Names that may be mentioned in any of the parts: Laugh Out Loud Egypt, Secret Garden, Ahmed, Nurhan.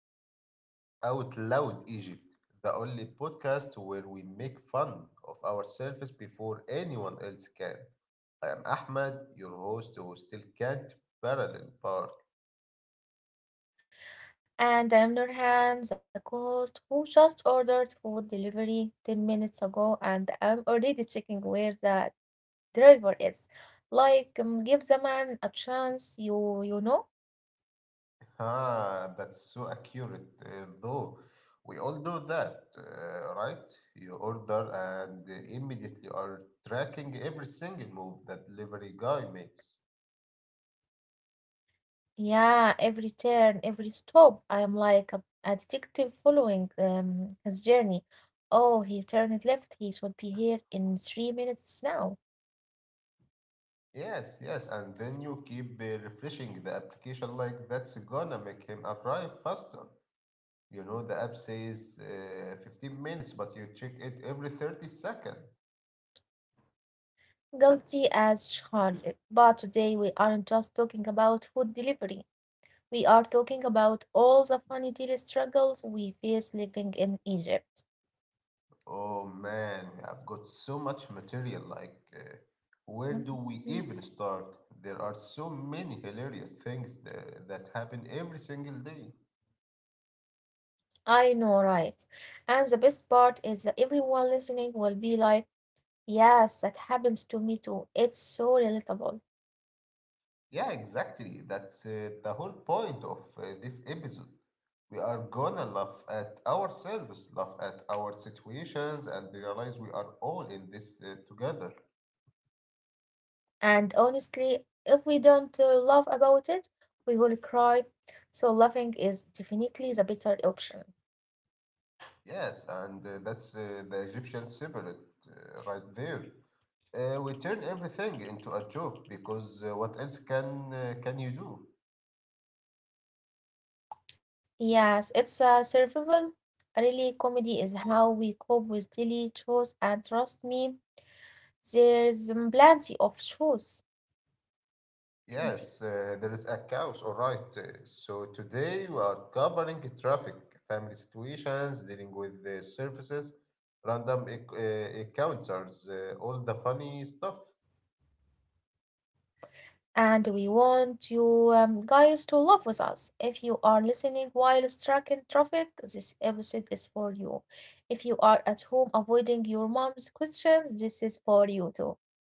Welcome back to Laugh Out Loud Egypt, the only podcast where we make fun of ourselves before anyone else can. I am Ahmed, your host who still can't parallel park. And on the other hand, the host who just ordered food delivery 10 minutes ago and I'm already checking where the driver is. Like, give the man a chance, you know? Ah, that's so accurate, though. We all know that, right? You order and immediately are tracking every single move that delivery guy makes. Yeah, every turn, every stop, I am like a detective following his journey. Oh, he turned left. He should be here in 3 minutes now. Yes, yes, and then you keep refreshing the application like that's gonna make him arrive faster. You know, the app says 15 minutes, but you check it every 30 seconds. Guilty as charged. But today we aren't just talking about food delivery. We are talking about all the funny daily struggles we face living in Egypt. Oh man, I've got so much material. Like, where Mm, do we mm. even start? There are so many hilarious things that happen every single day. I know, right? And the best part is that everyone listening will be like, yes, that happens to me too. It's so relatable. Yeah, exactly. That's the whole point of this episode. We are gonna laugh at ourselves, laugh at our situations, and realize we are all in this together. And honestly, if we don't laugh about it, we will cry. So laughing is definitely the better option. Yes, and that's the Egyptian spirit right there. We turn everything into a joke because what else can you do? Yes, it's survival. Really, comedy is how we cope with daily chores, and trust me, there's plenty of shows, plenty. Yes, there is a couch, all right. So today we are covering traffic, family situations, dealing with the surfaces, random encounters, all the funny stuff. And we want you guys to love with us. If you are listening while stuck in traffic, this episode is for you. If you are at home avoiding your mom's questions, this is for you too.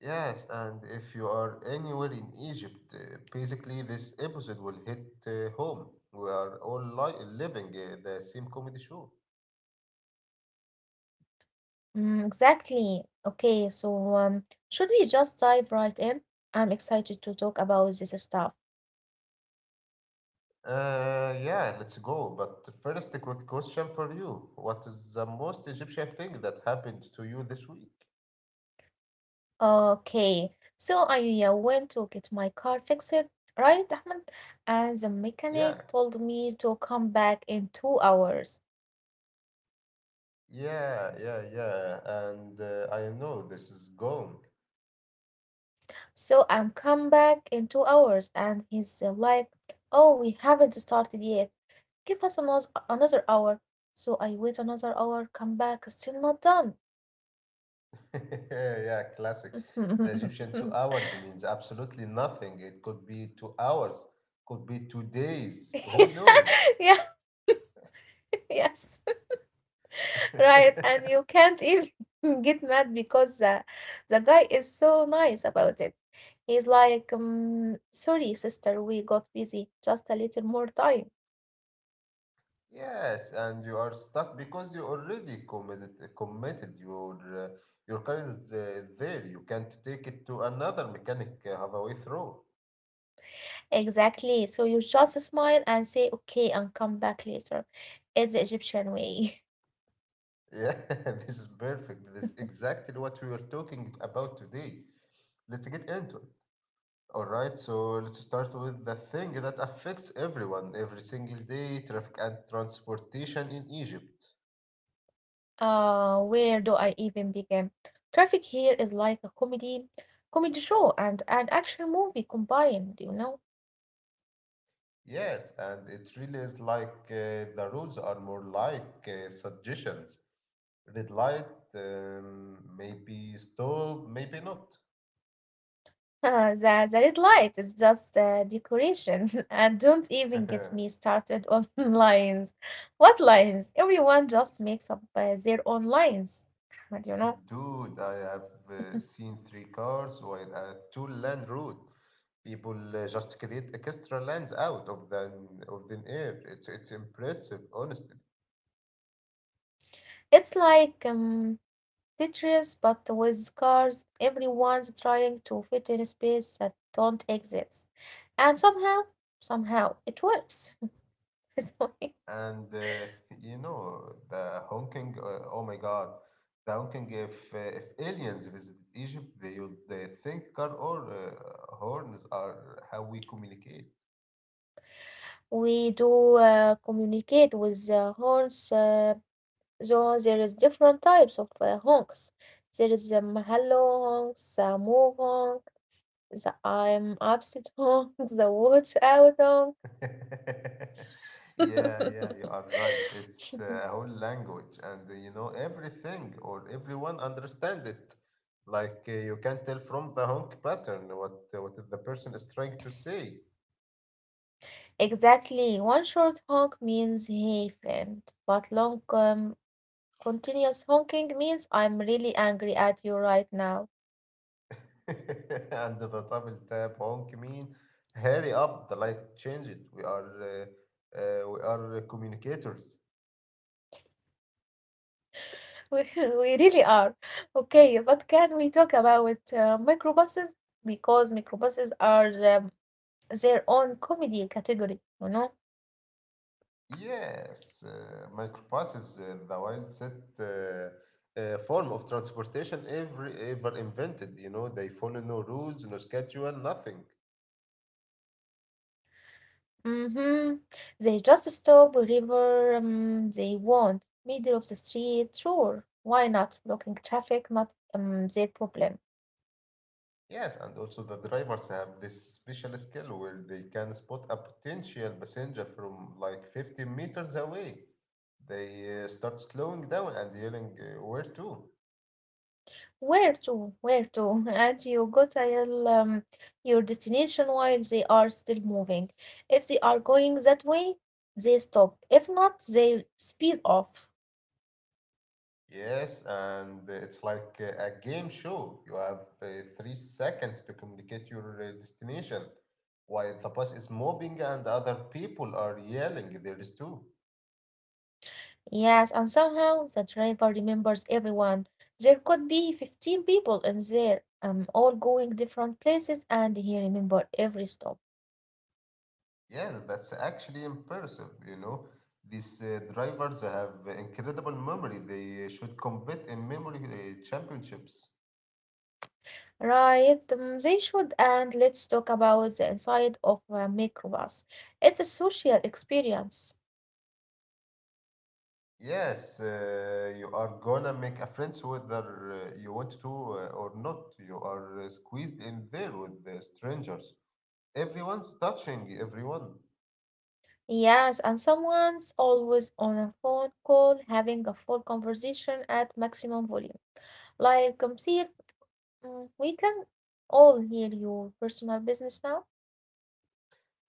Yes, and if you are anywhere in Egypt, basically this episode will hit home. We are all living the same comedy show. Mm, exactly. Okay, so should we just dive right in? I'm excited to talk about this stuff. Yeah, let's go. But first, a quick question for you. What is the most Egyptian thing that happened to you this week? Okay, so I went to get my car fixed, right, Ahmed? And the Yeah, mechanic told me to come back in 2 hours. yeah, yeah, yeah. And I know this is gong. So I'm come back in 2 hours, and he's like, "Oh, we haven't started yet. Give us another hour." So I wait another hour, come back, still not done. Yeah, classic. The Egyptian two hours means absolutely nothing. It could be 2 hours, could be 2 days. Who knows? Yeah, yes. Right, and you can't even get mad because the guy is so nice about it. He's like, sorry, sister, we got busy. Just a little more time. Yes, and you are stuck because you already committed your car is there. You can't take it to another mechanic halfway through. Exactly. So you just smile and say, okay, and come back later. It's the Egyptian way. Yeah, this is perfect. This is exactly what we were talking about today. Let's get into it. All right, so let's start with the thing that affects everyone every single day, traffic and transportation in Egypt. Where do I even begin? Traffic here is like a comedy show and an action movie combined, you know? Yes, and it really is like the rules are more like suggestions. Red light, maybe stop, maybe not. the red light is just decoration, and don't even get me started on lines. What lines? Everyone just makes up their own lines, Ahmed, you know? Dude, I have seen 3 cars with a 2-lane route. People just create extra lanes out of the of thin air. It's impressive, honestly. It's like Tetris, but with cars. Everyone's trying to fit in a space that don't exist, and somehow, it works. So And you know the honking. Oh my God, the honking! If aliens visited Egypt, they would they think car or horns are how we communicate. we do communicate with the horns. So there is different types of honks. There is hello honks, move honk, the I'm upset honk, the watch out honk. Yeah, yeah, you are right. It's a whole language, and you know everything or everyone understand it. Like you can tell from the honk pattern what the person is trying to say. Exactly. One short honk means hey friend, but long continuous honking means I'm really angry at you right now. And the double tap honk mean hurry up, the light change it. We are communicators. We really are. Okay, but can we talk about microbuses? Because microbuses are um, their own comedy category, you know? Yes, microbus is the wildest form of transportation ever invented. You know, they follow no rules, no schedule, nothing. Mm-hmm. They just stop wherever they want, middle of the street, sure. Why not? Blocking traffic, not their problem. Yes, and also the drivers have this special skill where they can spot a potential passenger from like 50 meters away. They start slowing down and yelling, where to? Where to? Where to? And you go tell your destination while they are still moving. If they are going that way, they stop. If not, they speed off. Yes, and it's like a game show. You have 3 seconds to communicate your destination while the bus is moving and other people are yelling. There is too. Yes, and somehow the driver remembers everyone. There could be 15 people in there, all going different places, and he remember every stop. Yeah, that's actually impressive. You know, these drivers have incredible memory. They should compete in memory championships. Right, they should. And let's talk about the inside of a microbus. It's a social experience. Yes, you are gonna make a friends whether you want to or not. You are squeezed in there with the strangers. Everyone's touching everyone. Yes, and someone's always on a phone call having a full conversation at maximum volume. Like, see, mm, we can all hear your personal business now.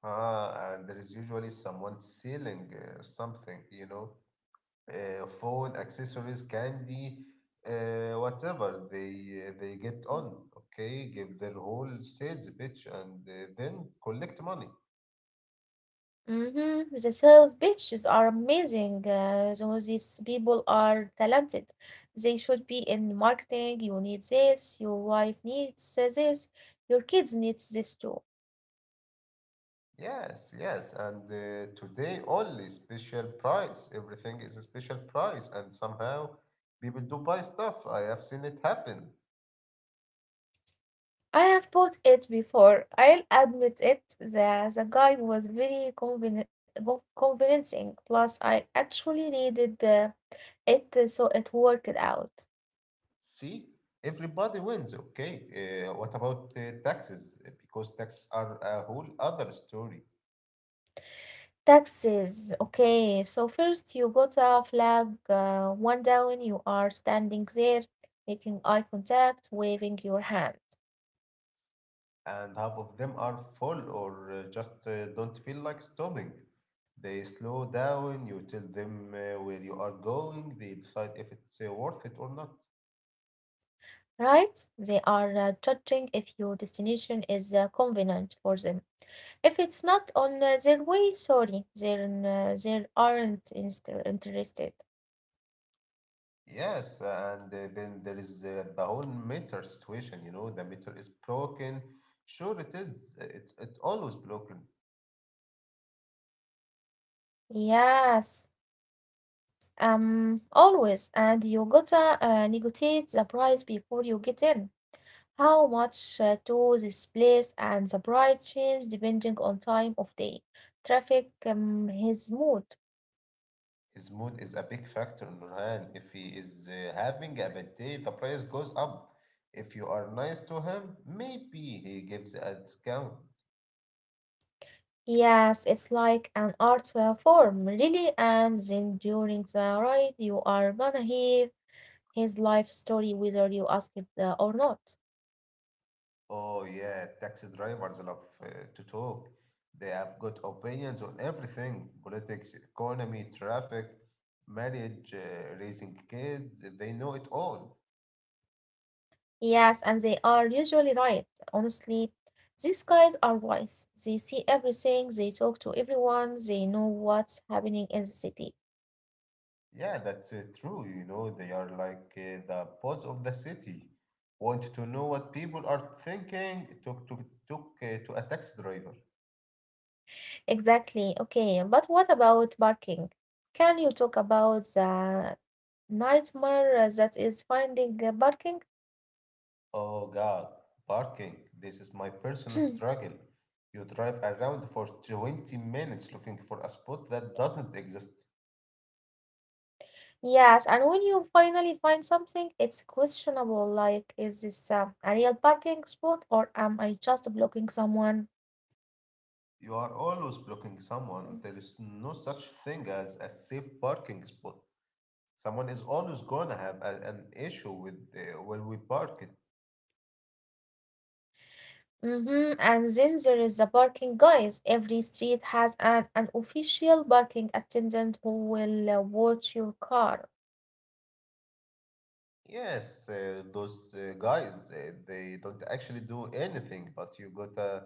Ah, and there is usually someone selling something, you know, phone accessories, candy, whatever they get on. Okay, give their whole sales pitch and then collect money. Mm-hmm. The sales pitches are amazing. So these people are talented. They should be in marketing. You need this. Your wife needs this. Your kids needs this too. Yes, yes, and today only special price. Everything is a special price, and somehow people do buy stuff. I have seen it happen. I have bought it before. I'll admit it. The guy was very convincing. Plus, I actually needed it, so it worked out. See, everybody wins. Okay. What about taxes? Because taxes are a whole other story, Taxes. Okay, so first you got a flag one down. You are standing there, making eye contact, waving your hand. and half of them are full or just don't feel like stopping. They slow down, you tell them where you are going, they decide if it's worth it or not. Right? They are judging if your destination is convenient for them. If it's not on their way, sorry, then they aren't interested. Yes, and then there is the whole meter situation, you know, the meter is broken. Sure, it is. It's always broken. Yes, always. And you gotta negotiate the price before you get in. How much to this place and the price change depending on time of day, traffic, his mood. His mood is a big factor, Nurhan. If he is having a bad day, the price goes up. If you are nice to him, maybe he gives a discount. Yes, it's like an art form, really. And then during the ride, you are gonna hear his life story whether you ask it or not. Oh, yeah, taxi drivers love to talk. They have good opinions on everything: politics, economy, traffic, marriage, raising kids. They know it all. Yes, and they are usually right. Honestly, these guys are wise. They see everything, they talk to everyone, they know what's happening in the city. Yeah, that's true. You know, they are like the pulse of the city. Want to know what people are thinking? Took to a taxi driver. Exactly. Okay, but what about parking? Can you talk about the nightmare that is finding parking? Oh God, parking. This is my personal struggle. You drive around for 20 minutes looking for a spot that doesn't exist. Yes, and when you finally find something, it's questionable like, is this a real parking spot or am I just blocking someone? You are always blocking someone. There is no such thing as a safe parking spot. Someone is always gonna have an issue with where we park it. Mm-hmm. And then there is the parking guys. Every street has an unofficial parking attendant who will watch your car. Yes, those guys, they don't actually do anything, but you gotta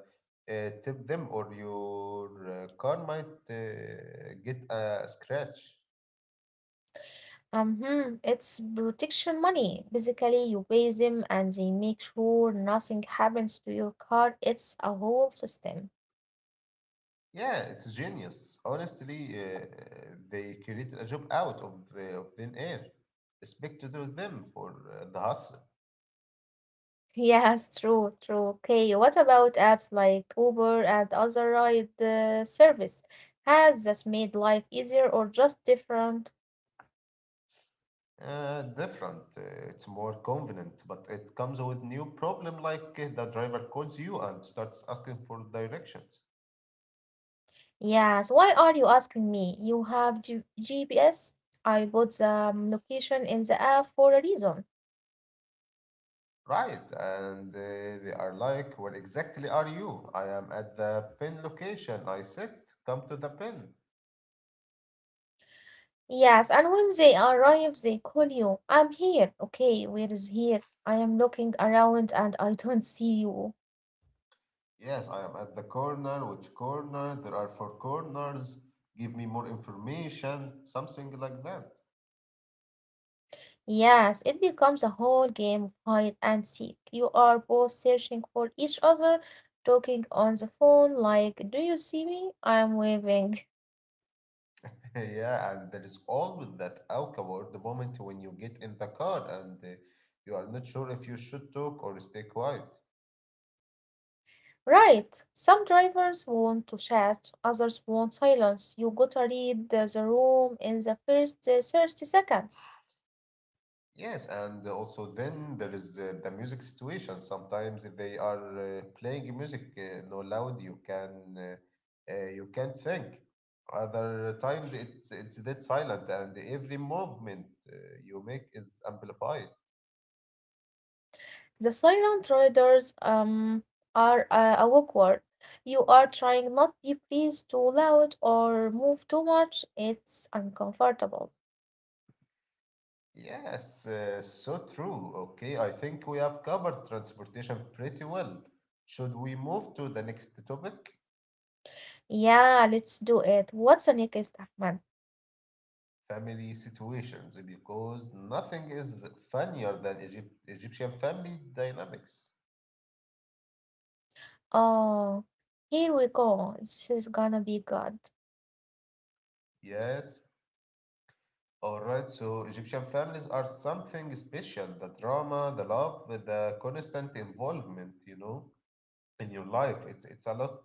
tip them or your car might get a scratch. Mm-hmm. It's protection money. Basically, you pay them and they make sure nothing happens to your car. It's a whole system. Yeah, it's genius. Honestly, they created a job out of thin air. Respect to them for the hustle. Yes, true, true. Okay, what about apps like Uber and other ride service? Has that made life easier or just different? Different, it's more convenient, but it comes with new problem like the driver calls you and starts asking for directions. Yes, why are you asking me? You have G GPS. I put the location in the app for a reason. Right, and they are like, where exactly are you? I am at the pin location. I said, come to the pin. Yes, and when they arrive, they call you. I'm here. Okay, where is here? I am looking around and I don't see you. Yes, I am at the corner. Which corner? There are 4 corners. Give me more information. Something like that. Yes, it becomes a whole game of hide and seek. You are both searching for each other, talking on the phone like, do you see me? I'm waving. Yeah, and there is always that awkward moment when you get in the car and you are not sure if you should talk or stay quiet. Right. Some drivers want to chat, others want silence. You gotta read the room in the first 30 seconds. Yes, and also then there is the music situation. Sometimes they are playing music no loud. You can you can't think. Other times it's dead silent, and every movement uh, you make is amplified. The silent riders are awkward. You are trying not be pleased too loud or move too much. It's uncomfortable. Yes, so true. Okay, I think we have covered transportation pretty well. Should we move to the next topic? Yeah, let's do it. What's the next, Ahmed? Family situations, because nothing is funnier than Egyptian family dynamics. Oh, here we go. This is gonna be good. Yes. All right. So Egyptian families are something special. The drama, the love, the constant involvement, you know, in your life. It's a lot.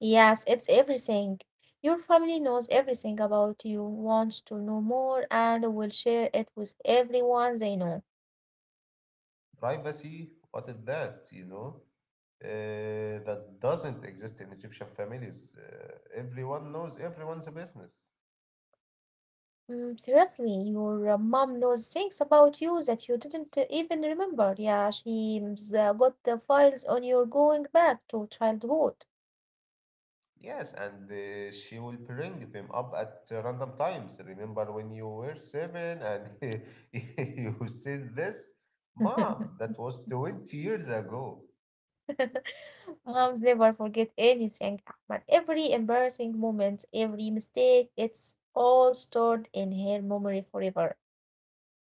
Yes, it's everything. Your family knows everything about you, wants to know more, and will share it with everyone they know. Privacy. What is that? You know, that doesn't exist in Egyptian families. Everyone knows everyone's business. Mm, seriously, your mom knows things about you that you didn't even remember. Yeah, she's got the files on your going back to childhood. Yes, and she will bring them up at random times. Remember when you were seven and you said this? Mom, that was 20 years ago. Moms never forget anything, Ahmad. Every embarrassing moment, every mistake, it's all stored in her memory forever.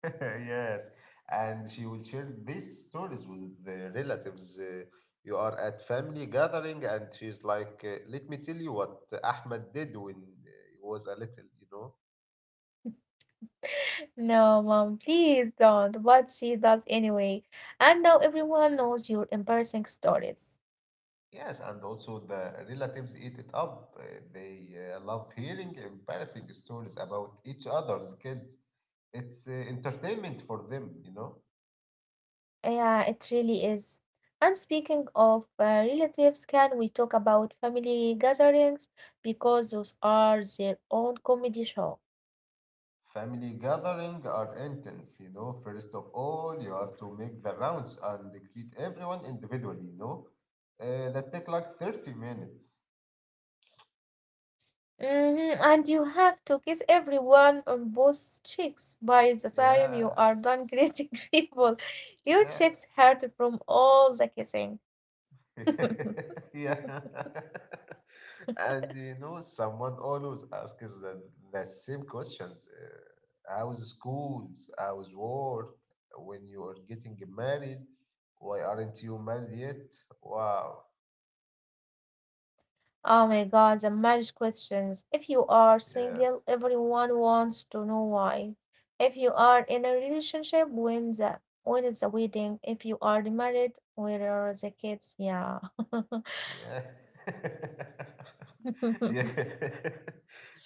Yes. And she will share these stories with the relatives. You are at family gathering, and she's like, let me tell you what Ahmed did when he was a little, you know. No, mom, please don't. What she does anyway. And now everyone knows your embarrassing stories. Yes, and also the relatives eat it up. They love hearing embarrassing stories about each other's kids. It's entertainment for them, you know. Yeah, it really is. And speaking of relatives, can we talk about family gatherings? Because those are their own comedy show. Family gathering are intense, you know. First of all, you have to make the rounds and greet everyone individually, you know. That take like 30 minutes. Mm-hmm. And you have to kiss everyone on both cheeks. By the time you are done Yes, greeting people, your cheeks yes. hurt from all the kissing. Yeah. And you know, someone always asks the same questions. How's schools? How's work? When you are getting married? Why aren't you married yet? Wow. Oh my God, the marriage questions. If you are single, Yes. everyone wants to know why. If you are in a relationship, when is the wedding? If you are married, where are the kids? Yeah. Yeah. Yeah.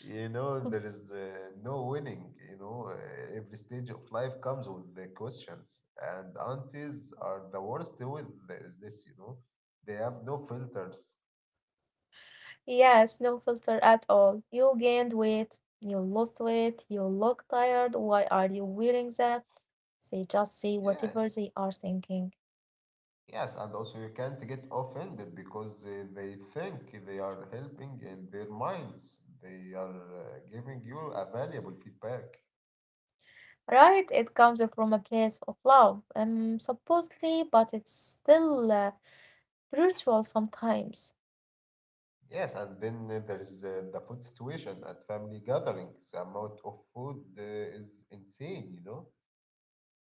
You know, there is no winning. You know, every stage of life comes with the questions, and aunties are the worst with this, you know. They have no filters. Yes, no filter at all. You gained weight, you lost weight, you look tired. Why are you wearing that? They just say whatever Yes. they are thinking. Yes, and also you can't get offended because they think they are helping in their minds. They are giving you a valuable feedback. Right? It comes from a place of love, supposedly, but it's still brutal sometimes. Yes, and then there is the food situation at family gatherings. The amount of food is insane, you know?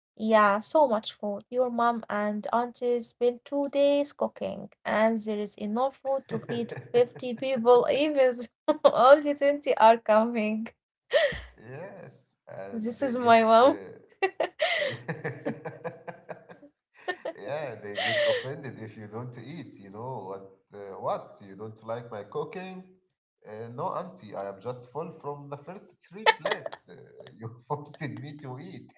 Yeah, so much food. Your mom and auntie spend 2 days cooking, and there is enough food to feed 50 people, even only 20 are coming. Yes, and This they is get my mom. uh, yeah, they get offended if you don't eat. You know what? What you don't like my cooking? No, auntie, I am just full from the first three plates. You forced me to eat.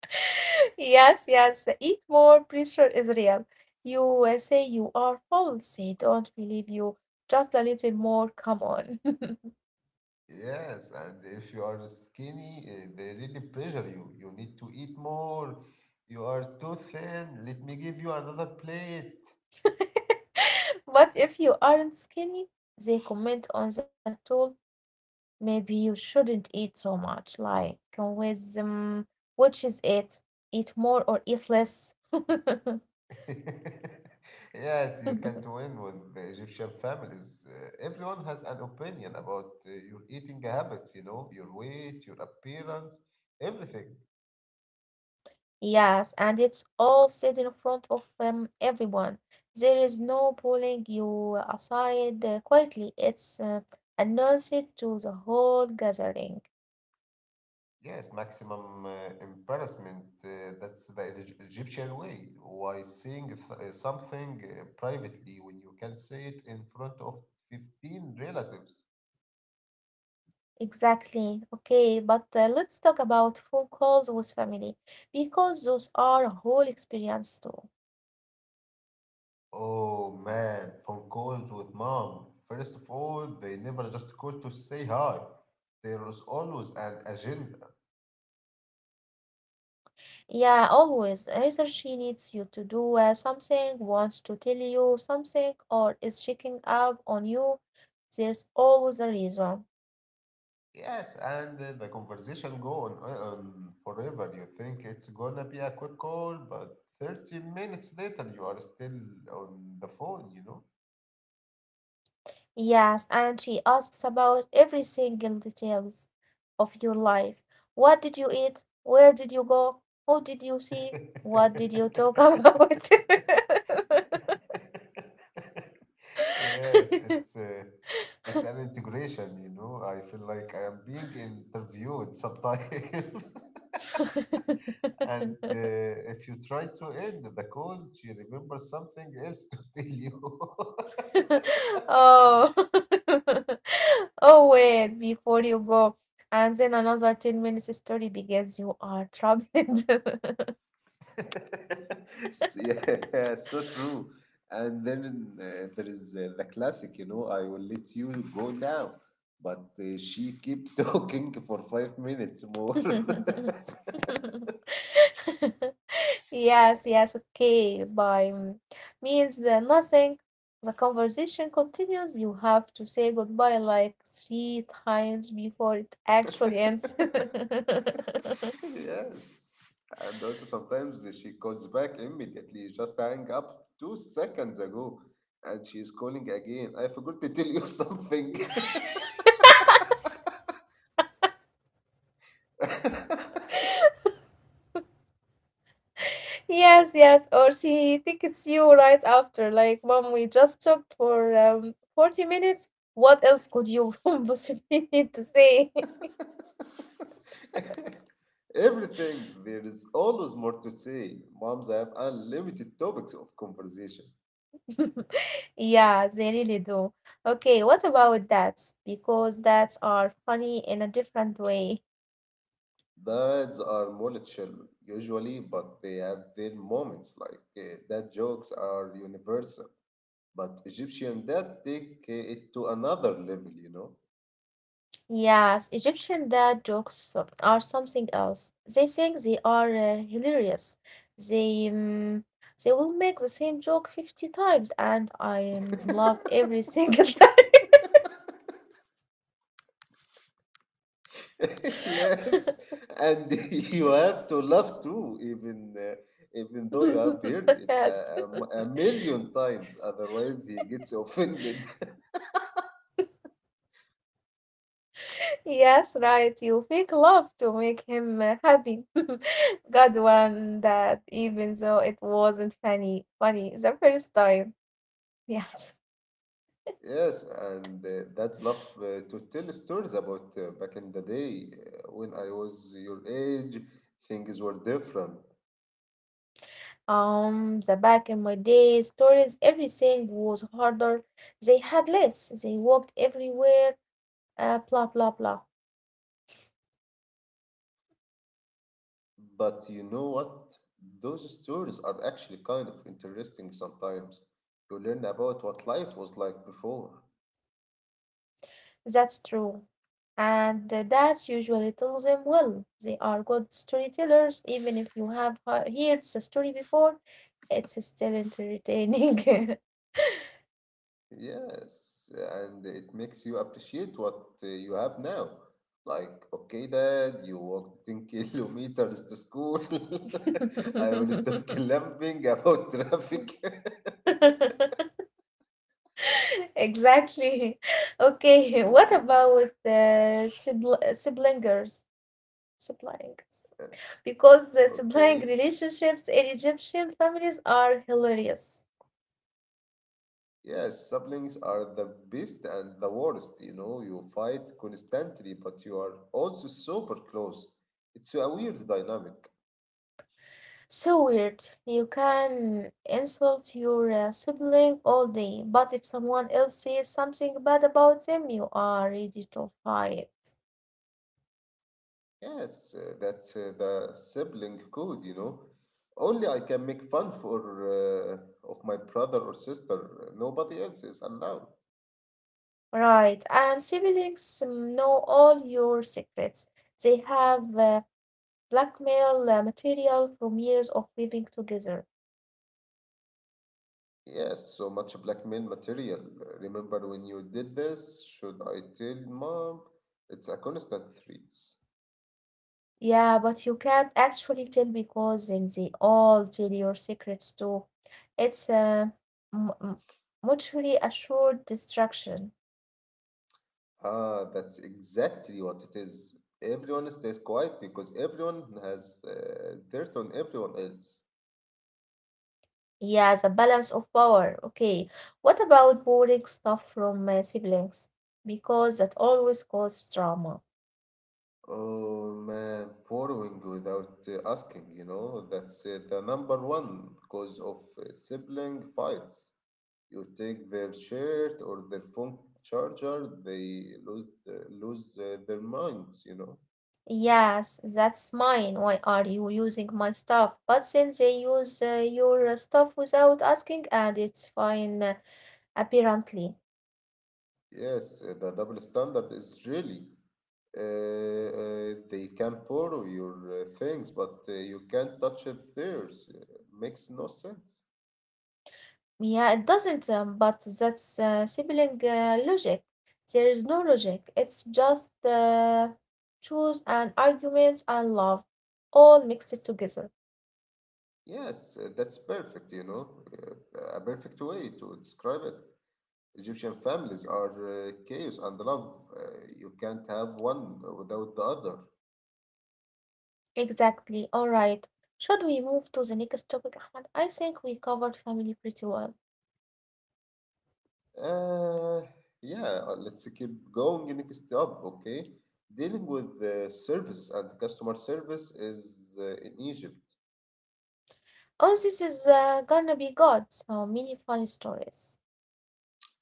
Yes, yes. Eat more. Pressure is real. You say you are full. They don't believe you. Just a little more. Come on. Yes, and if you are skinny, eh, they really pressure you. You need to eat more. You are too thin. Let me give you another plate. But if you aren't skinny, they comment on that too. Maybe you shouldn't eat so much, like with which is it? Eat more or eat less? Yes, you can't win with the Egyptian families. Everyone has an opinion about your eating habits, you know, your weight, your appearance, everything. Yes, and it's all said in front of everyone. There is no pulling you aside quietly. It's announced to the whole gathering. Yes, maximum embarrassment. That's the Egyptian way. Why saying something privately when you can say it in front of 15 relatives? Exactly. Okay, but let's talk about phone calls with family because those are a whole experience too. Oh man, phone calls with Mom. First of all, they never just call to say hi. There is always an agenda. Yeah, always. Either she needs you to do something, wants to tell you something, or is checking up on you. There's always a reason. Yes, and the conversation go on, on forever. You think it's gonna be a quick call, but 30 minutes later you are still on the phone, you know? Yes, and she asks about every single details of your life. What did you eat? Where did you go? Who did you see? What did you talk about? Yes, it's an integration. I feel like I am being interviewed sometimes. And if you try to end the call, she remembers something else to tell you. Oh. Oh, wait, before you go. And then another 10 minutes story begins. You are troubled. Yeah, so true. And then there is the classic, I will let you go now. But she keep talking for 5 minutes more. Yes, yes, okay. By mm, means the nothing. The conversation continues. You have to say goodbye like 3 times before it actually ends. Yes. And also sometimes she calls back immediately, just hang up 2 seconds ago. And she's calling again. I forgot to tell you something. Yes, yes, or she tickets you right after, like, Mom, we just talked for 40 minutes. What else could you possibly need to say? Everything, there is always more to say. Moms have unlimited topics of conversation. Yeah, they really do. Okay, what about dads? Because dads are funny in a different way. Dads are more chill, usually, but they have their moments like that jokes are universal. But Egyptian dad take it to another level, you know? Yes, Egyptian dad jokes are something else. They think they are hilarious. They um, they will make the same joke 50 times, and I love every single time. Yes, and you have to laugh too, even though you have heard it yes, a million times. Otherwise, he gets offended. yes, right. You fake love to make him happy. God one that even though it wasn't funny, funny the first time. Yes. Yes, and that's love to tell stories about back in the day when I was your age, things were different. The back in my day stories, everything was harder. They had less. They walked everywhere. Blah blah blah. But you know what? Those stories are actually kind of interesting sometimes. You learn about what life was like before. That's true. And that usually tells them well. They are good storytellers, even if you have heard the story before, it's still entertaining. Yes, and it makes you appreciate what you have now. Like, okay, Dad, you walked 10 kilometers to school. I will stop clamping about traffic. Exactly. Okay, what about siblingers? Siblings. Because the sibling Okay. relationships in Egyptian families are hilarious. Yes, siblings are the best and the worst. You know, you fight constantly, but you are also super close. It's a weird dynamic. So weird. You can insult your sibling all day, but if someone else says something bad about them, you are ready to fight. Yes, that's the sibling code. Only I can make fun for uh, of my brother or sister. Nobody else is allowed. Right, and siblings know all your secrets. They have blackmail material from years of living together. Yes, so much blackmail material. Remember when you did this? Should I tell Mom? It's a constant threat. Yeah, but you can't actually tell because then they all tell your secrets too. It's a m- m- mutually assured destruction. Ah, that's exactly what it is. Everyone stays quiet because everyone has dirt on everyone else. Yeah, the balance of power. Okay. What about boring stuff from siblings? Because that always causes trauma. Oh man, borrowing without asking, that's the number one cause of sibling fights. You take their shirt or their phone charger, they lose their minds. Yes, that's mine. Why are you using my stuff? But since they use your stuff without asking, and it's fine, apparently. Yes, the double standard is really they can borrow your things, but you can't touch it theirs. Makes no sense. Yeah, it doesn't, but that's sibling logic. There is no logic. It's just choose and arguments and love all mixed together. Yes, that's perfect, a perfect way to describe it. Egyptian families are chaos and love. You can't have one without the other. Exactly. All right. Should we move to the next topic, Ahmed? I think we covered family pretty well. Uh, yeah, let's keep going next up, okay? Dealing with services and customer service is in Egypt. Oh, this is gonna be good. So many funny stories.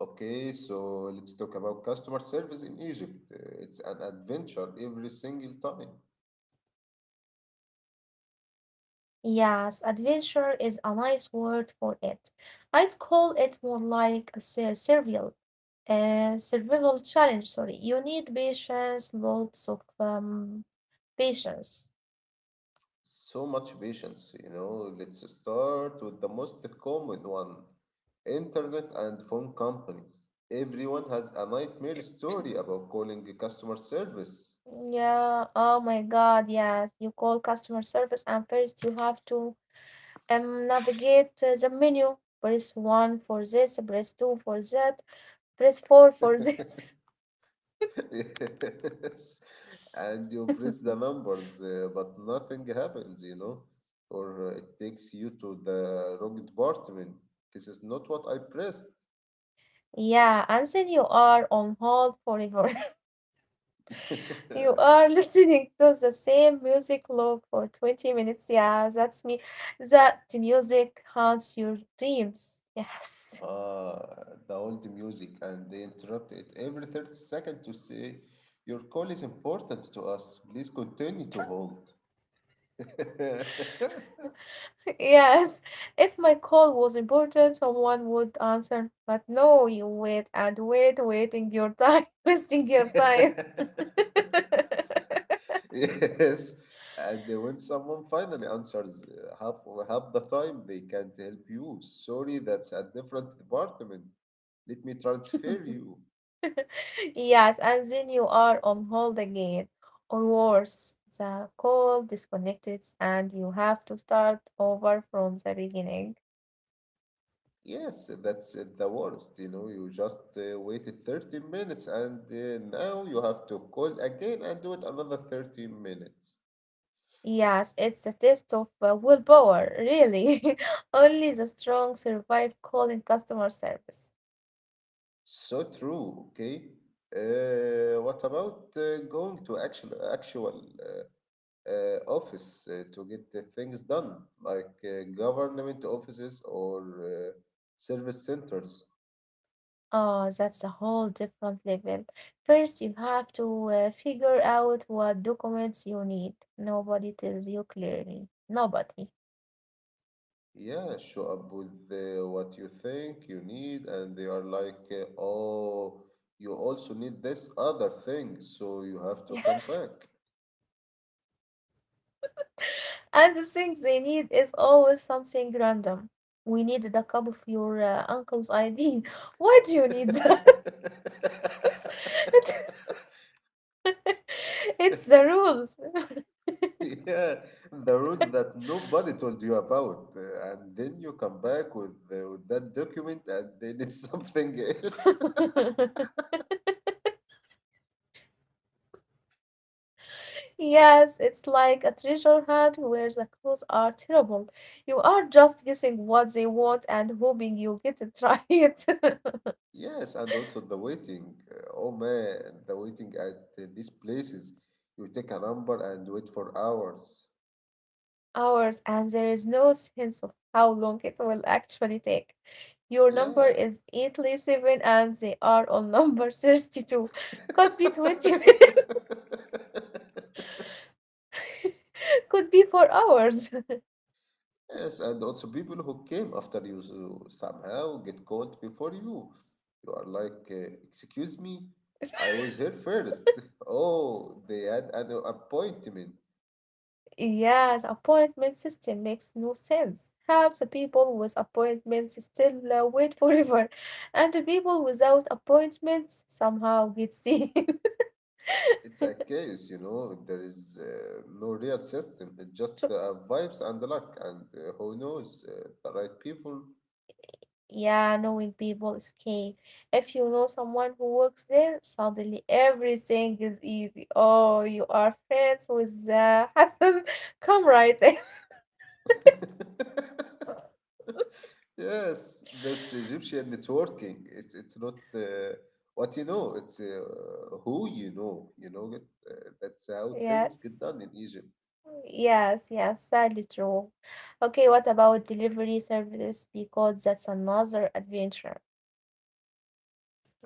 Okay, so let's talk about customer service in Egypt. It's an adventure every single time. Yes, adventure is a nice word for it. I'd call it more like a survival, survival challenge. Sorry, you need patience, lots of patience. So much patience. Let's start with the most common one, internet and phone companies. Everyone has a nightmare story about calling customer service. Yeah. Oh my God. Yes, you call customer service, and first you have to navigate the menu. Press one for this, press two for that, press four for this. Yes. And you press the numbers, but nothing happens, or it takes you to the wrong department. This is not what I pressed. yeah, and then you are on hold forever. you Ah, are listening to the same music loop for 20 minutes. Yeah, that's me. That music haunts your dreams. Yes. the old music, and they interrupt it every 30 seconds to say, "Your call is important to us. Please continue to hold." Yes, if my call was important, someone would answer. But no, you wait and wait, waiting your time, wasting your time. Yes, and when someone finally answers, half the time they can't help you. Sorry, that's a different department. Let me transfer you. yes, and then you are on hold again, or worse, the call disconnected and you have to start over from the beginning. Yes, that's the worst. You know, you just waited 30 minutes and now you have to call again and do it another 30 minutes. Yes, it's a test of willpower, really. Only the strong survive calling customer service. So true, okay? What about going to actual office to get the things done, like government offices or uh, service centers? Oh, that's a whole different level. First, you have to figure out what documents you need. Nobody tells you clearly. Nobody. Yeah, show up with what you think you need, and they are like, oh, you also need this other thing, so you have to come Yes. back. And the thing they need is always something random. We need the cup of your uncle's ID. Why do you need that? It- it's the rules. Yeah, the rules that nobody told you about, and then you come back with that document, and then it's something else. yes, it's like a treasure hunt where the clues are terrible. You are just guessing what they want and hoping you get it right. Yes, and also the waiting. Oh man, the waiting at these places. You take a number and wait for hours. hours and there is no sense of how long it will actually take. Your number Yeah. is 837 and they are on number 32. Could be 20 minutes, could be 4 hours. Yes, and also people who came after you so somehow get called before you. You are like, excuse me, I was here first. Oh, they had an appointment. Yes, appointment system makes no sense. Half the people with appointments still wait forever, and the people without appointments somehow get seen. It's a case, there is no real system. It's just vibes and luck, and who knows, the right people. Yeah, knowing people is key. If you know someone who works there, suddenly everything is easy. Oh, you are friends with Hassan. Come right in. Yes, that's Egyptian networking. It's not what you know. It's who you know. You know it. That's how things get Yes. done in Egypt. Yes, yes, sadly true. Okay, what about delivery service? Because that's another adventure.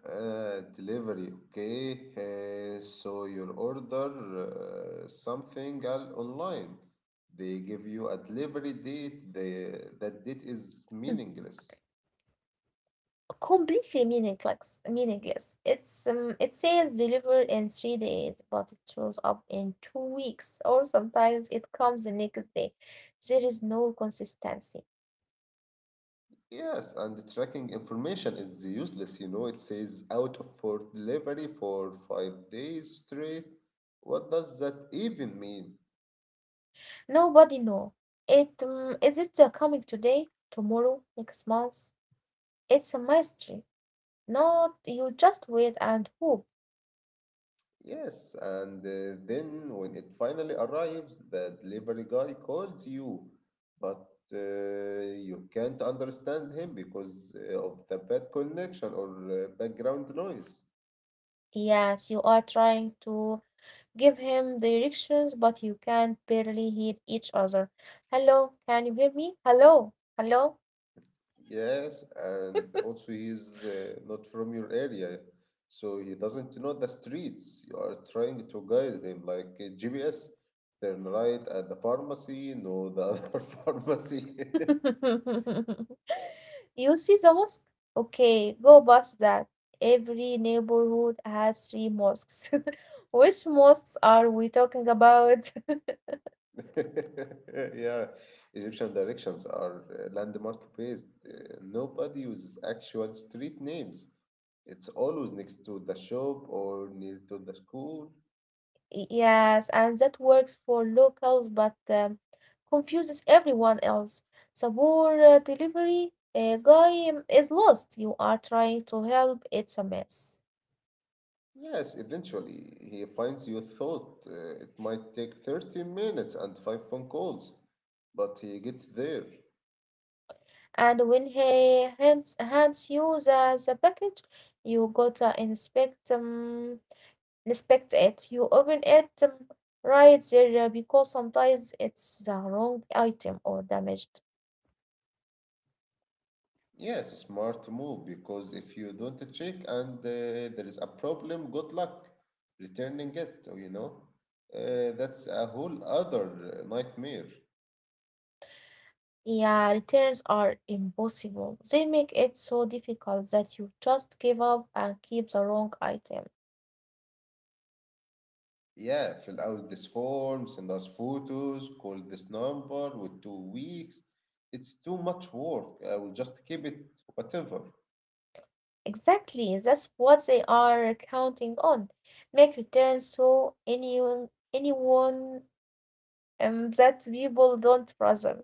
Delivery, okay. So you order something online. They give you a delivery date. That date is meaningless. completely meaningless it's it says delivered in 3 days but it shows up in 2 weeks, or sometimes it comes the next day. There is no consistency. Yes, and the tracking information is useless. You know, it says out for delivery for 5 days straight. What does that even mean? Nobody know it is it coming today, tomorrow, next month? It's a mystery. Not, you just wait and hope. Yes, and then when it finally arrives, the delivery guy calls you, but you can't understand him because of the bad connection or background noise. Yes, you are trying to give him directions but you can barely hear each other. Hello, can you hear me? Hello, hello. Yes, and also he's not from your area, so he doesn't know the streets. You are trying to guide him like a GPS. Turn right at the pharmacy, no, the other pharmacy. You see the mosque? Okay, go past that. Every neighborhood has three mosques. Which mosques are we talking about? Yeah, Egyptian directions are landmark based. Nobody uses actual street names. It's always next to the shop or near to the school. Yes, and that works for locals but confuses everyone else. The poor delivery guy is lost. You are trying to help, it's a mess. Yes, eventually he finds you thought it might take 30 minutes and 5 phone calls, but he gets there. And when he hands you the package, you go to inspect it. You open it right there because sometimes it's the wrong item or damaged. Yes, smart move because if you don't check and there is a problem, good luck returning it, oh. That's a whole other nightmare. Yeah, returns are impossible. They make it so difficult that you just give up and keep the wrong item. Yeah, fill out this form, send us photos, call this number with 2 weeks. It's too much work. I will just keep it, whatever. Exactly, that's what they are counting on. Make returns so anyone anyone that people don't trust them.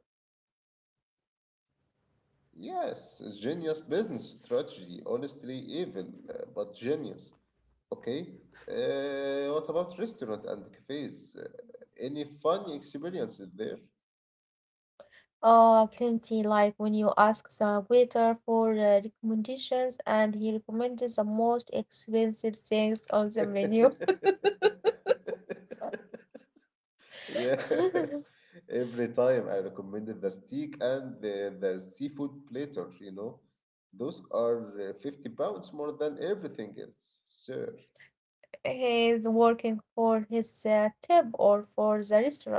Yes, genius business strategy. Honestly, evil, but genius. Okay. What about restaurant and cafes? Any fun experiences there? Oh, plenty. Like when you ask the waiter for recommendations and he recommended the most expensive things on the menu. Yes. Every time I recommended the steak and the seafood platter, those are 50 pounds more than everything else, sir. He's working for his tip or for the restaurant.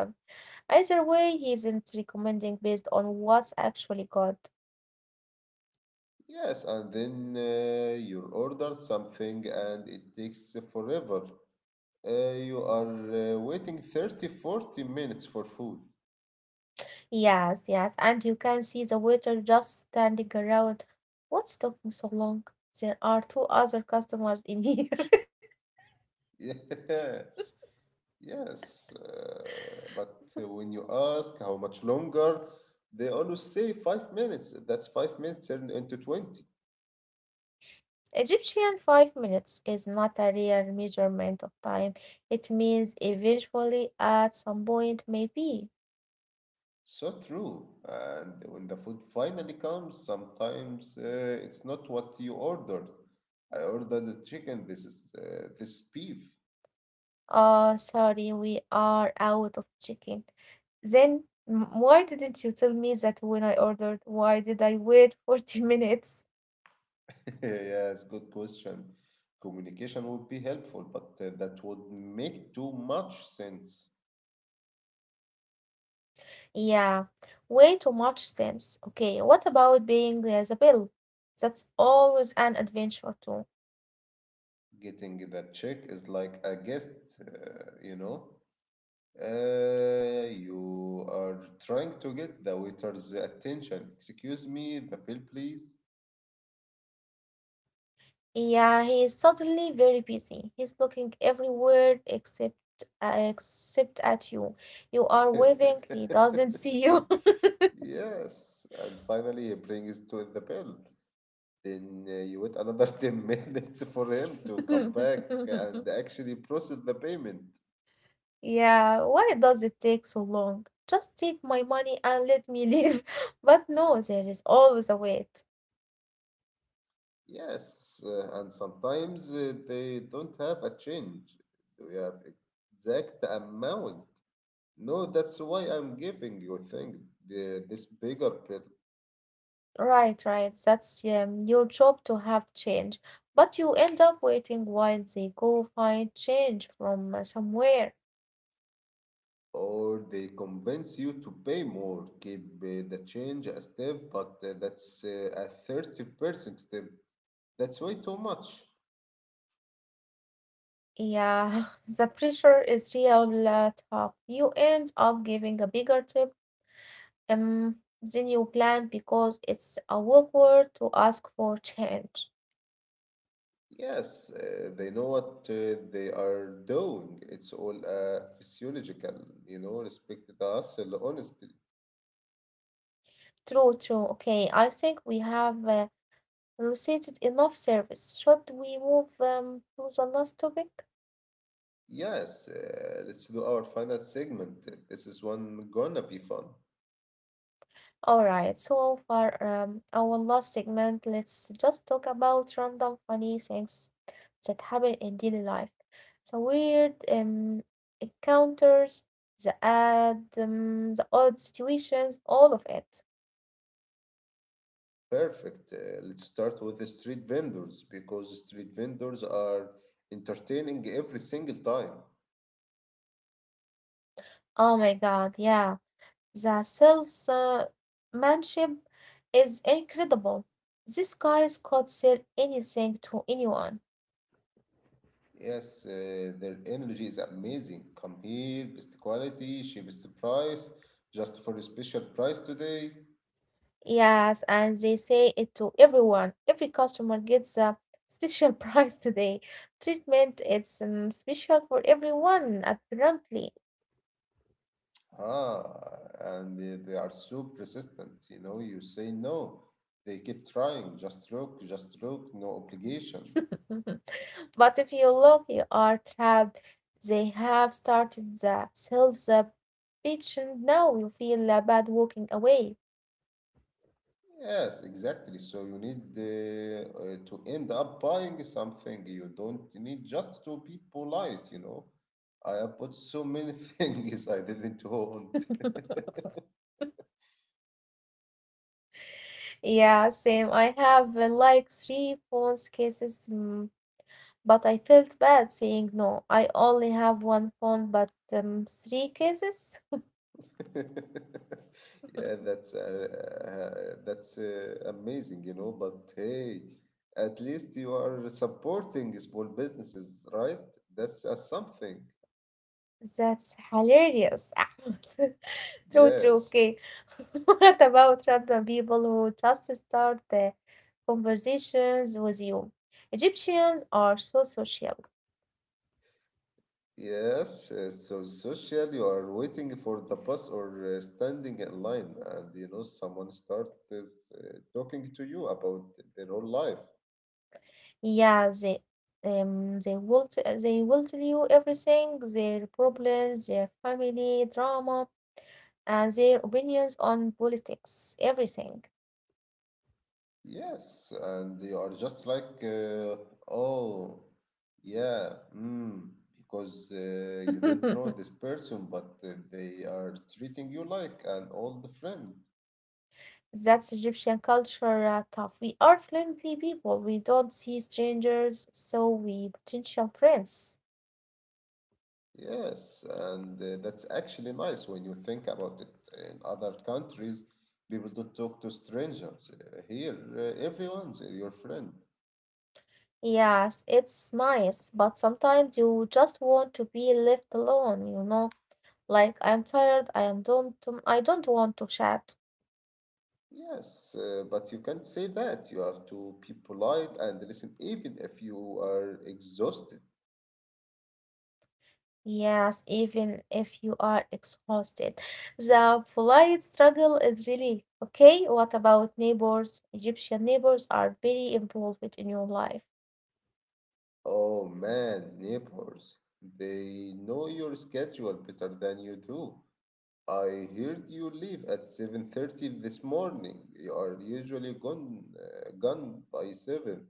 Either way, he isn't recommending based on what's actually good. Yes, and then you order something and it takes forever. You are waiting 30, 40 minutes for food. Yes, yes. And you can see the waiter just standing around. What's taking so long? There are two other customers in here. Yes, yes. But when you ask how much longer, they always say 5 minutes. That's 5 minutes turned into 20. Egyptian 5 minutes is not a real measurement of time. It means eventually at some point maybe. So true. And when the food finally comes, sometimes it's not what you ordered. I ordered the chicken. This is beef. Oh, sorry, we are out of chicken. Then why didn't you tell me that when I ordered? Why did I wait 40 minutes? Yes, good question. Communication would be helpful, but that would make too much sense. Yeah, way too much sense. Okay, what about paying the bill? That's always an adventure too. Getting that check is like a guest, you know. You are trying to get the waiter's attention. Excuse me, the bill, please. Yeah, he is suddenly very busy. He's looking everywhere except at you. You are waving, he doesn't see you. Yes, and finally he brings to the bill. Then you wait another 10 minutes for him to come back and actually process the payment. Yeah, why does it take so long? Just take my money and let me leave. But no, there is always a wait. Yes, and sometimes they don't have a change. They have exact amount. No, that's why I'm giving you thing this bigger pill. Right, right. That's your job to have change. But you end up waiting while they go find change from somewhere. Or they convince you to pay more, keep the change as tip, but that's a 30% tip. That's way too much. Yeah, the pressure is real tough. You end up giving a bigger tip um, than you planned because it's awkward to ask for change. Yes, they know what they are doing. It's all physiological, respect the hustle, honestly. True, true. Okay, I think we have recited enough service. Should we move to the last topic? Yes, let's do our final segment. This is one gonna be fun. All right, so for our last segment, let's just talk about random funny things that happen in daily life. So weird encounters, the odd situations, all of it. Perfect. Let's start with the street vendors because street vendors are entertaining every single time. Oh my God, yeah, the salesmanship manship is incredible. These guys could sell anything to anyone. Yes, their energy is amazing. Come here, best quality, cheapest price, just for a special price today. Yes, and they say it to everyone. Every customer gets a special price today. Treatment, it's special for everyone, apparently. Ah, and they are so persistent. You know, you say no, they keep trying. Just look, no obligation. But if you look, you are trapped. They have started the sales pitch, and now you feel bad walking away. Yes, exactly. So you need to end up buying something. You don't need just to be polite. I have bought so many things I didn't want. Yeah, same. I have like three phones cases, but I felt bad saying no. I only have one phone, but three cases? Yeah, that's amazing. But hey, at least you are supporting small businesses, right? That's something. That's hilarious, Ahmed. True, true. Yes. Okay. What about random people who just start the conversations with you? Egyptians are so social. Yes, so social, you are waiting for the bus or standing in line, and someone starts talking to you about their own life. Yeah, they they will tell you everything, their problems, their family drama, and their opinions on politics, everything. Yes, and you are just like, oh, yeah, mm, because you don't know this person, but they are treating you like an old friend. That's Egyptian culture tough. We are friendly people. We don't see strangers, so we potential friends. Yes, and that's actually nice when you think about it. In other countries, people don't talk to strangers. Here, everyone's your friend. Yes, it's nice, but sometimes you just want to be left alone, you know? Like I'm tired, I don't want to chat. Yes, but you can't say that. You have to be polite and listen, even if you are exhausted. Yes, even if you are exhausted. The polite struggle is really okay. What about neighbors? Egyptian neighbors are very involved in your life. Oh man, neighbors, they know your schedule better than you do. I heard you leave at 7:30 this morning. You are usually gone by 7.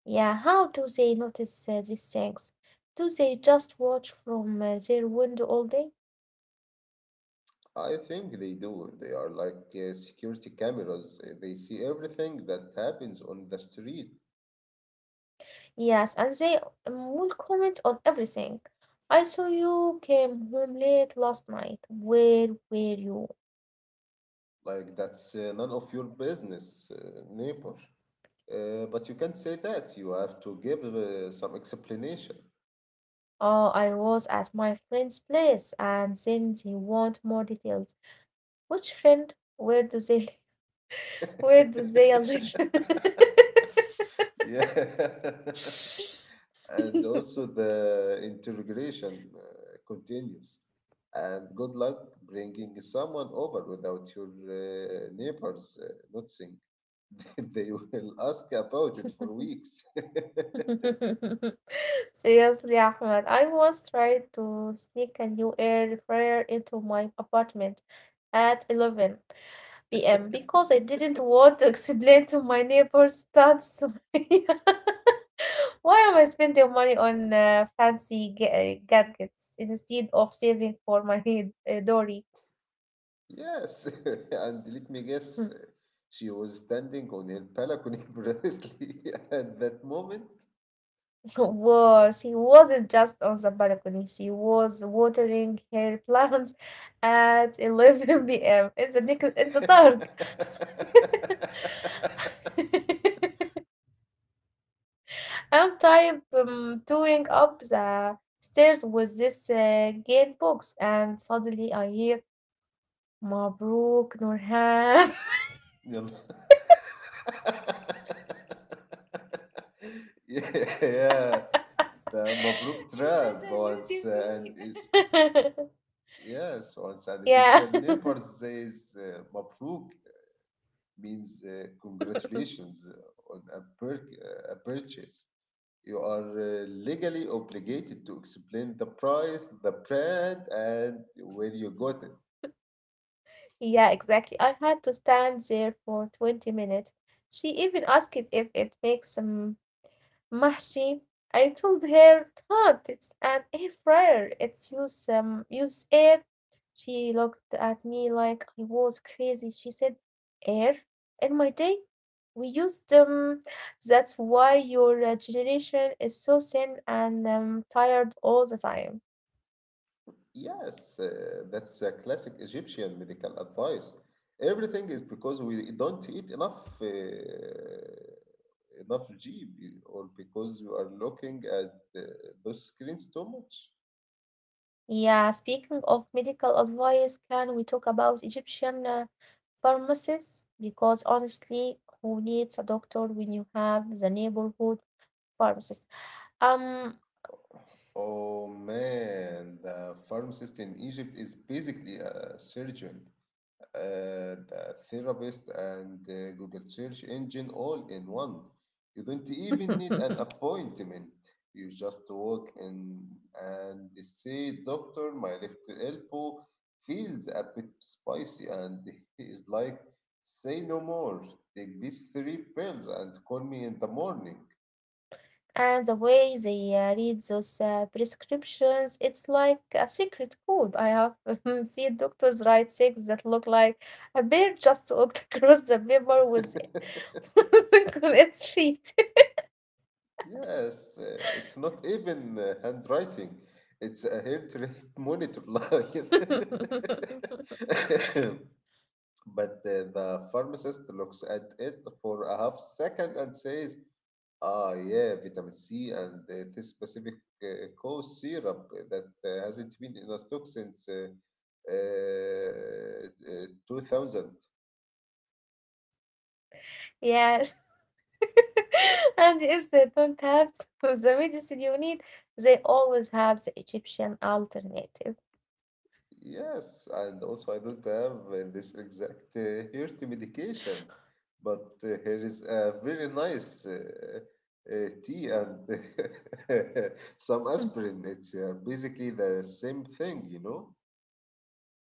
Yeah, how do they notice these things? Do they just watch from their window all day? I think they do. They are like security cameras. They see everything that happens on the street. Yes, and they will comment on everything. I saw you came home late last night. Where were you? Like that's none of your business, neighbor. But you can't say that. You have to give some explanation. Oh, I was at my friend's place, and then they want more details. Which friend? Where do they live? Where do they live? Yeah. And also the interrogation continues. And good luck bringing someone over without your neighbors noticing. They will ask about it for weeks. Seriously, Ahmed, I once tried to sneak a new air fryer into my apartment at 11 PM because I didn't want to explain to my neighbors that's why am I spending money on fancy gadgets instead of saving for my head, Dory? Yes, and let me guess, she was standing on her balcony precisely at that moment. was he wasn't just on the balcony, she was watering her plants at 11 p.m. in the nick in the dark. I'm type doing up the stairs with this game box, and suddenly I hear Mabruk Nurhan. Yeah, yeah, the Mabruk Is that trap a new once, TV? yes, once an yeah. Egyptian neighbor says Mabruk means congratulations on a purchase. You are legally obligated to explain the price, the brand, and where you got it. yeah, exactly. I had to stand there for 20 minutes. She even asked if it makes some Mahshi. I told her, Todd, it's an air fryer. It's use air. She looked at me like I was crazy. She said, Air? In my day, we used that's why your generation is so thin and tired all the time. Yes, that's a classic Egyptian medical advice. Everything is because we don't eat enough GB, or because we are looking at uh, those screens too much. Yeah, speaking of medical advice, can we talk about Egyptian pharmacists? Because honestly, who needs a doctor when you have the neighborhood pharmacist? Um, Oh man, the pharmacist in Egypt is basically a surgeon, the therapist, and the Google search engine all in one. You don't even need an and appointment. You just walk in and they say, "Doctor, my left elbow feels a bit spicy." And he is like, "Say no more. Take these three pills and call me in the morning." the way they read those prescriptions, it's like a secret code. I have seen doctors write things that look like a bear just walked across the paper with its feet. Yes, it's not even handwriting. It's a heart rate monitor line. But the pharmacist looks at it for a half second and says, "Ah, yeah, vitamin C and this specific cough syrup that hasn't been in a stock since 2000." Yes. and if they don't have the medicine you need, they always have the Egyptian alternative. Yes, and also I don't have this exact heart medication, but here is a very nice tea and some Hmm. aspirin. It's basically the same thing.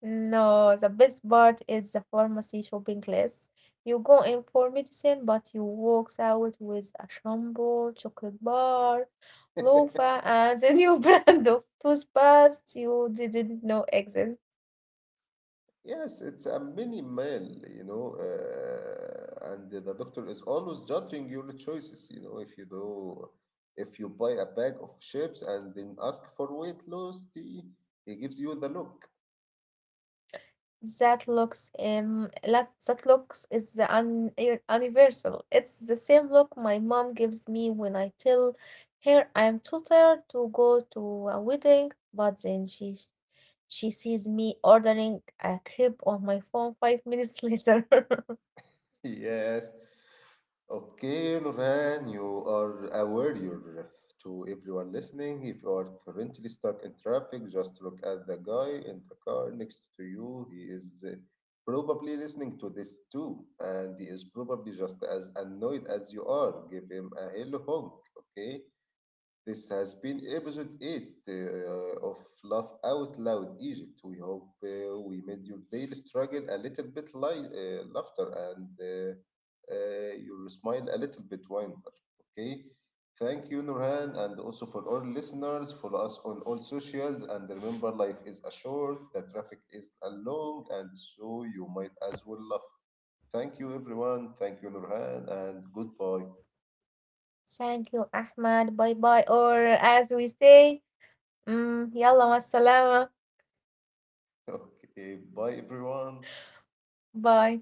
No, the best part is the pharmacy shopping list. You go in for medicine, but you walk out with a shampoo, chocolate bar, loofah, and a new brand of toothpaste you didn't know existed. Yes, it's a mini meal, and the doctor is always judging your choices, if you buy a bag of chips and then ask for weight loss tea, he gives you the look. That looks is the universal. It's the same look my mom gives me when I tell her I am too tired to go to a wedding, but then she sees me ordering a crepe on my phone 5 minutes later. Yes, okay, Loran, you are a warrior. To everyone listening, if you are currently stuck in traffic, just look at the guy in the car next to you. He is probably listening to this too, and he is probably just as annoyed as you are. Give him a hello honk, okay? This has been episode 8 of Laugh Out Loud Egypt. We hope we made your daily struggle a little bit light, laughter and your smile a little bit wider. Okay. Thank you, Nurhan, and also for all listeners. Follow us on all socials, and remember, life is a short, the traffic is a long, and so you might as well laugh. Thank you, everyone. Thank you, Nurhan, and goodbye. Thank you, Ahmad. Bye bye. Or as we say, yalla مع Okay, bye, everyone. Bye.